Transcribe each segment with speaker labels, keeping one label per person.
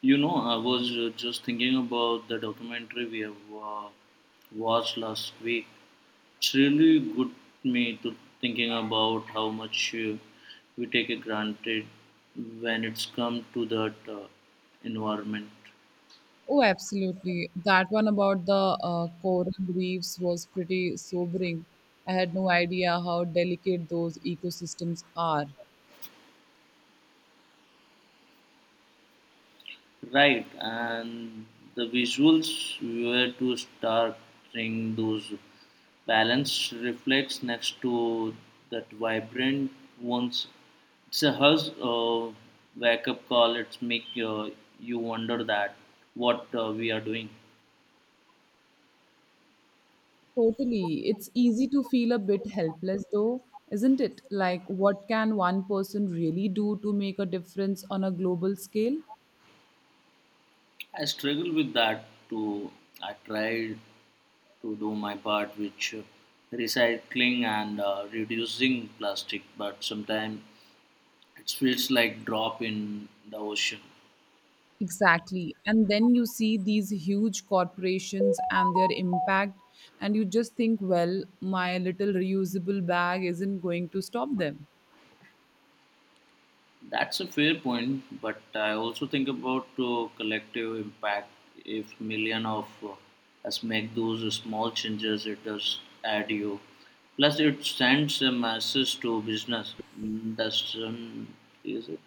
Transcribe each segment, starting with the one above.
Speaker 1: You know, I was just thinking about the documentary we have watched last week. It's really good me to thinking about how much we take it granted when it's come to that environment.
Speaker 2: Oh, absolutely. That one about the coral reefs was pretty sobering. I had no idea how delicate those ecosystems are.
Speaker 1: Right, and the visuals were too stark, bring those balanced reflex next to that vibrant ones. It's a hush wake up call. It's make you wonder that what we are doing.
Speaker 2: Totally. It's easy to feel a bit helpless, though, isn't it? Like, what can one person really do to make a difference on a global scale?
Speaker 1: I struggle with that too. I tried to do my part, which recycling and reducing plastic, but sometimes it feels like drop in the ocean.
Speaker 2: Exactly. And then you see these huge corporations and their impact, and you just think, well, my little reusable bag isn't going to stop them.
Speaker 1: That's a fair point, but I also think about collective impact. If million of us make those small changes, it does add you. Plus, it sends a message to business. That's is it?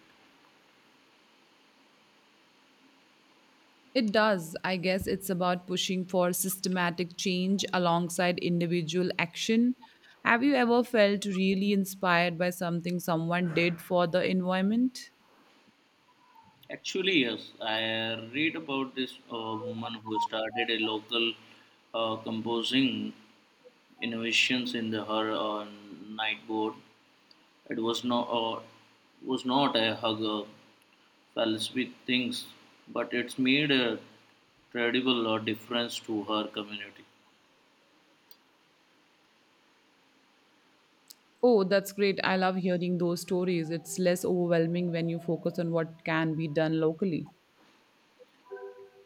Speaker 2: It does. I guess it's about pushing for systematic change alongside individual action. Have you ever felt really inspired by something someone did for the environment?
Speaker 1: Actually, yes. I read about this woman who started a local composing innovations in her night board. It was not a hugger Palsby thinks, but it's made a credible or difference to her community.
Speaker 2: Oh, that's great. I love hearing those stories. It's less overwhelming when you focus on what can be done locally.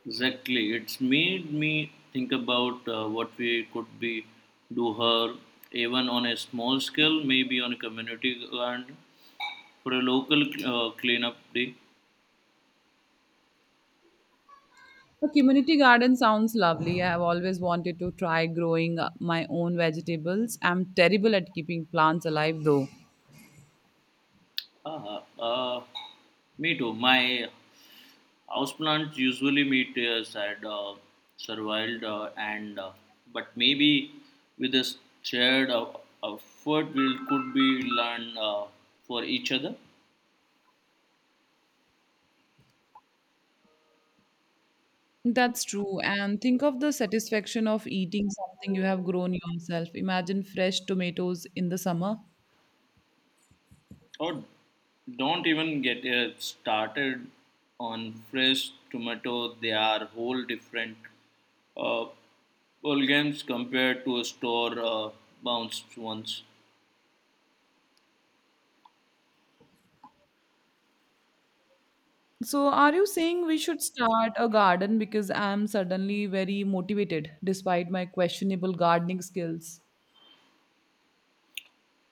Speaker 1: Exactly, it's made me think about what we could be do her even on a small scale, maybe on a community and for a local cleanup day.
Speaker 2: A community garden sounds lovely. I have always wanted to try growing my own vegetables. I'm terrible at keeping plants alive though.
Speaker 1: Ah, ah, ah. Me too. My Houseplants usually meet as had survived and but maybe with a shared effort we could be learn for each other
Speaker 2: That's true. And think of the satisfaction of eating something you have grown yourself. Imagine fresh tomatoes in the summer.
Speaker 1: or don't even get started on fresh tomato they are whole different uh, ball games compared to a store bounced ones.
Speaker 2: So, are you saying we should start a garden because I'm suddenly very motivated despite my questionable gardening skills?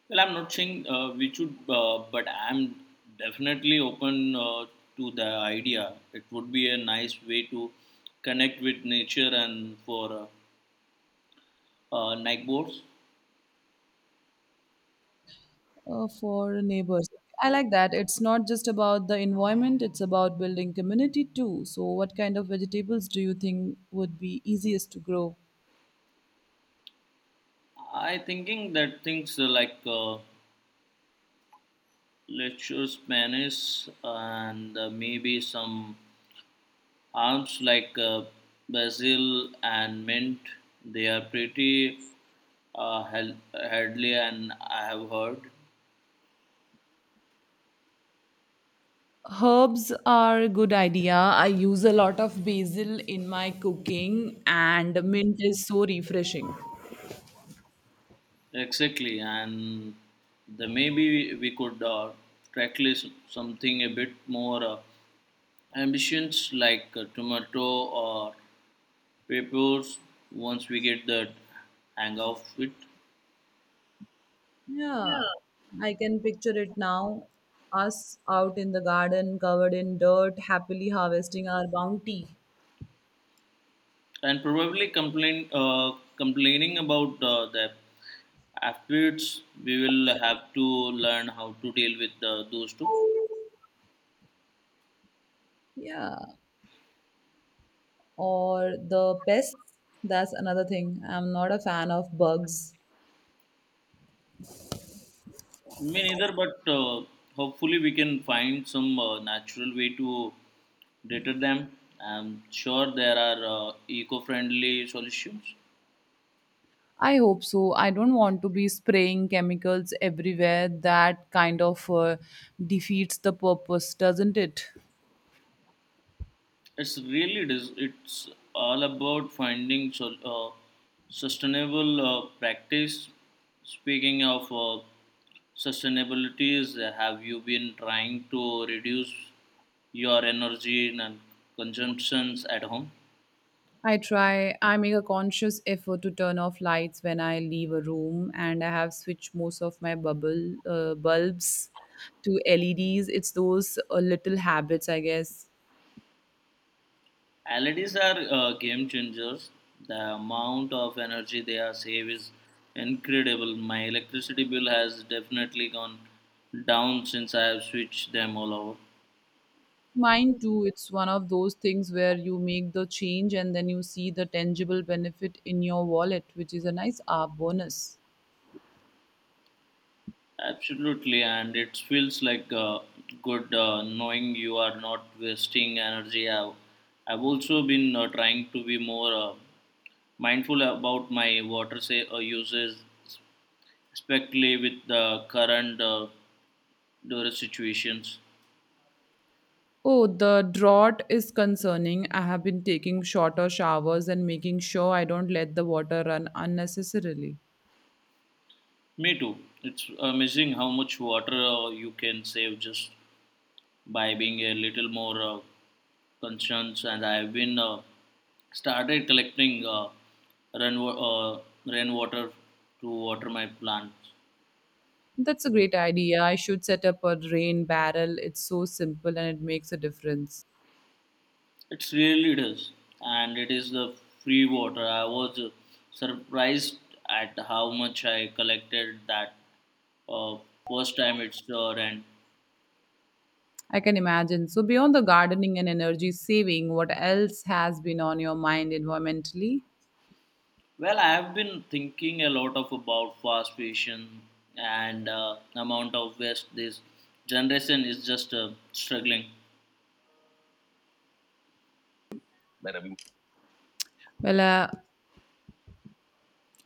Speaker 1: Well, I'm not saying we should, but I'm definitely open to the idea. It would be a nice way to connect with nature and for night boards.
Speaker 2: For neighbors. I like that. It's not just about the environment, it's about building community too. So, what kind of vegetables do you think would be easiest to grow?
Speaker 1: I thinking that things like lecture Spanish and maybe some herbs like basil and mint. They are pretty healthy, and I have heard.
Speaker 2: Herbs are a good idea. I use a lot of basil in my cooking, and mint is so refreshing.
Speaker 1: Exactly, and the maybe we could tracklist something a bit more ambitious, like tomato or peppers. Once we get the hang of it, yeah,
Speaker 2: Yeah, I can picture it now. Us out in the garden, covered in dirt, happily harvesting our bounty.
Speaker 1: and probably complaining about the afterwards. We will have to learn how to deal with those two.
Speaker 2: Yeah, or the pests. That's another thing. I'm not a fan of bugs.
Speaker 1: Me neither, but hopefully we can find some natural way to deter them. I'm sure there are eco-friendly solutions.
Speaker 2: I hope so. I don't want to be spraying chemicals everywhere. That kind of defeats the purpose, doesn't it?
Speaker 1: It's it's all about sustainable practice. Speaking of sustainabilities, have you been trying to reduce your energy and consumptions at home?
Speaker 2: I try. I make a conscious effort to turn off lights when I leave a room, and I have switched most of my bubble bulbs to LEDs. It's those little habits, I guess.
Speaker 1: LEDs are game changers. The amount of energy they are save is incredible. My electricity bill has definitely gone down since I have switched them all over.
Speaker 2: Mine too, it's one of those things where you make the change and then you see the tangible benefit in your wallet, which is a nice R bonus.
Speaker 1: Absolutely, and it feels like good knowing you are not wasting energy. I've also been trying to be more mindful about my uses, especially with the current drought situations.
Speaker 2: Oh, the drought is concerning. I have been taking shorter showers and making sure I don't let the water run unnecessarily.
Speaker 1: Me too. It's amazing how much water you can save just by being a little more concerned. And I've been started collecting rain uh, rainwater to water my plants.
Speaker 2: That's a great idea. I should set up a rain barrel. It's so simple and it makes a difference.
Speaker 1: It really does, and it is the free water. I was surprised at how much I collected that uh, first time it's rained.
Speaker 2: I can imagine. So, beyond the gardening and energy saving, what else has been on your mind environmentally?
Speaker 1: Well, I've been thinking a lot of about fast fashion and amount of waste this generation is just struggling.
Speaker 2: Well,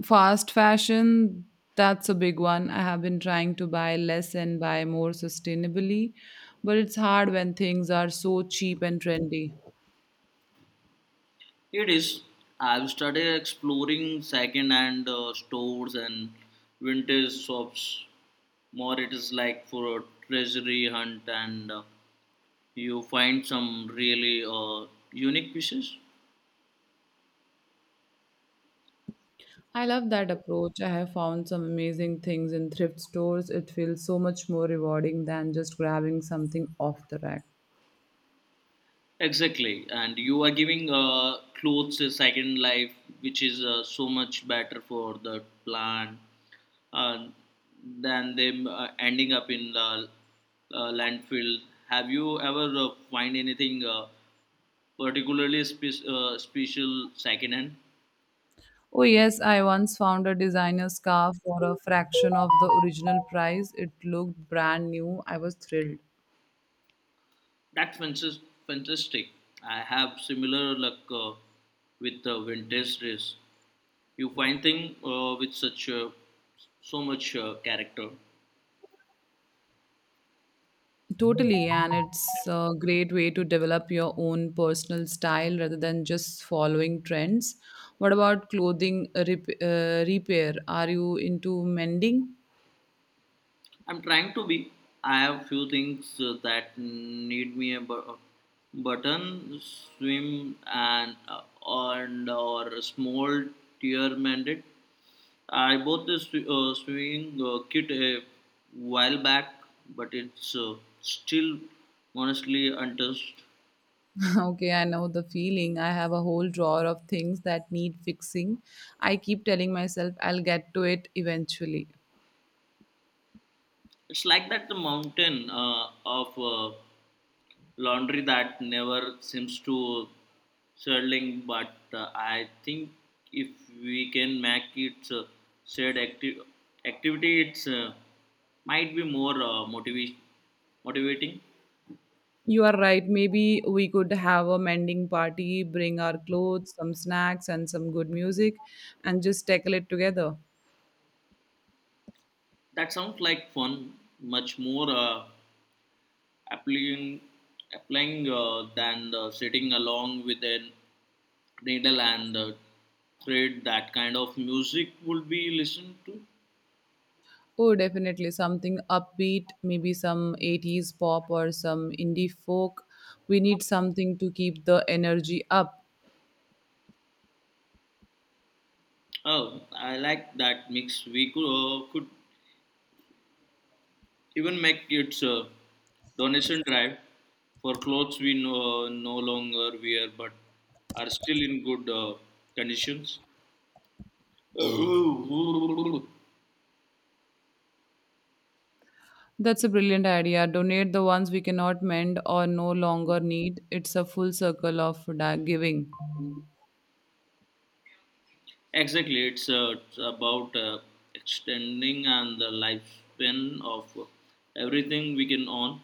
Speaker 2: fast fashion, that's a big one. I have been trying to buy less and buy more sustainably, but it's hard when things are so cheap and trendy.
Speaker 1: It is. I've started exploring second-hand stores and vintage shops. More, it is like for a treasury hunt, and you find some really unique pieces.
Speaker 2: I love that approach. I have found some amazing things in thrift stores. It feels so much more rewarding than just grabbing something off the rack.
Speaker 1: Exactly, and you are giving clothes a second life, which is so much better for the plant uh, than them ending up in landfill. Have you ever find anything particularly special secondhand?
Speaker 2: Oh, yes, I once found a designer scarf for a fraction of the original price. It looked brand new. I was thrilled.
Speaker 1: That's fantas- fantastic. I have similar luck with vintage dress. You find thing with such so much character.
Speaker 2: Totally, and it's a great way to develop your own personal style rather than just following trends. What about repair? Are you into mending?
Speaker 1: I'm trying to be. I have few things that need me button, swim, and or a small tear mandate. I bought this swimming kit a while back, but it's still honestly untouched.
Speaker 2: Okay, I know the feeling. I have a whole drawer of things that need fixing. I keep telling myself I'll get to it eventually.
Speaker 1: It's like that the mountain of laundry that never seems to settling but I think if we can make it shared active activity it's might be more motivating.
Speaker 2: You are right. Maybe we could have a mending party, bring our clothes, some snacks, and some good music, and just tackle it together.
Speaker 1: That sounds like fun, much more applying applying than sitting along with a needle and thread. That kind of music would be listened to?
Speaker 2: Oh, definitely something upbeat, maybe some 80s pop or some indie folk. We need something to keep the energy up.
Speaker 1: Oh, I like that mix. We could even make its donation drive for clothes we no longer wear but are still in good conditions.
Speaker 2: That's a brilliant idea. Donate the ones we cannot mend or no longer need. It's a full circle of giving.
Speaker 1: Exactly, it's about extending and the lifespan of everything we can own.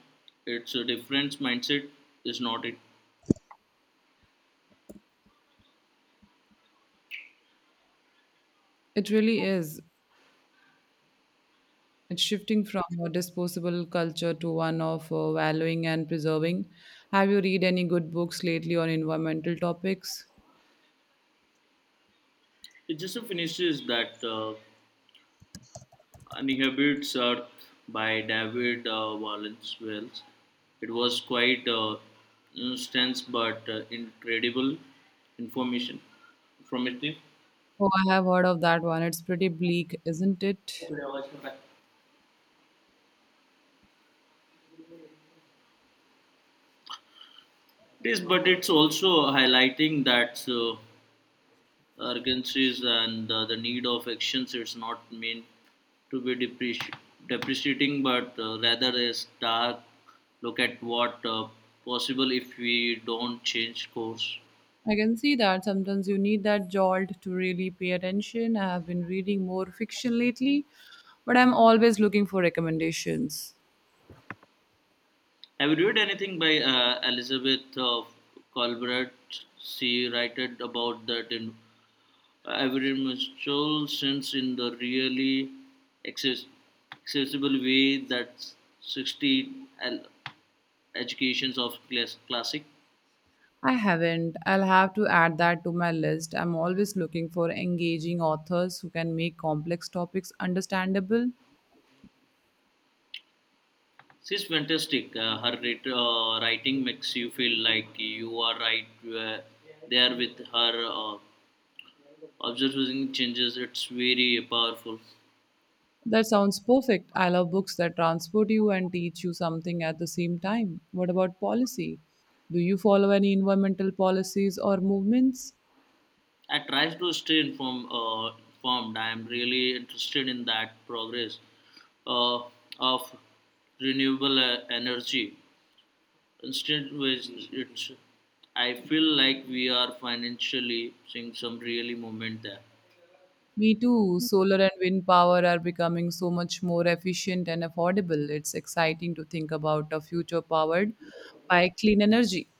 Speaker 1: It's a different mindset, is not it?
Speaker 2: It really is. It's shifting from a disposable culture to one of valuing and preserving. Have you read any good books lately on environmental topics?
Speaker 1: It just finishes that Inhabits Earth by David Wallace Wells. It was quite intense but incredible information informative.
Speaker 2: Oh, I have heard of that one. It's pretty bleak, isn't it?
Speaker 1: It is, but it's also highlighting that urgencies and the need of actions. It's not meant to be depreciating, but rather a stark look at what possible if we don't change course.
Speaker 2: I can see that sometimes you need that jolt to really pay attention. I have been reading more fiction lately, but I'm always looking for recommendations.
Speaker 1: Have you read anything by Elizabeth of Colbert? She writed about that in every mutual sense in the really access- accessible way that 60 el- educations of classic.
Speaker 2: I haven't. I'll have to add that to my list. I'm always looking for engaging authors who can make complex topics understandable.
Speaker 1: She's fantastic. Her writing makes you feel like you are right there with her. Observing changes, it's very powerful.
Speaker 2: That sounds perfect. I love books that transport you and teach you something at the same time. What about policy? Do you follow any environmental policies or movements?
Speaker 1: I try to informed. I am really interested in that progress uh, of renewable energy. Instead, with it's, I feel like we are financially seeing some really movement there.
Speaker 2: Me too. Solar and wind power are becoming so much more efficient and affordable. It's exciting to think about a future powered by clean energy.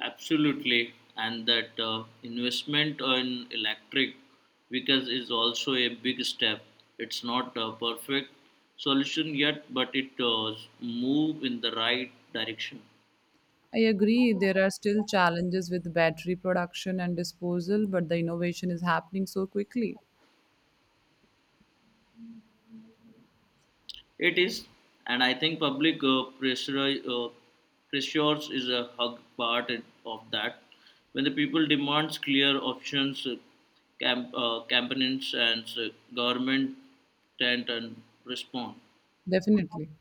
Speaker 1: Absolutely, and that investment in electric vehicles is also a big step. It's not a perfect solution yet, but it does move in the right direction.
Speaker 2: I agree, there are still challenges with battery production and disposal, but the innovation is happening so quickly.
Speaker 1: It is, and I think public uh, pressures is a hug part of that. When the people demands clear options, campaigns and government tend and respond.
Speaker 2: Definitely.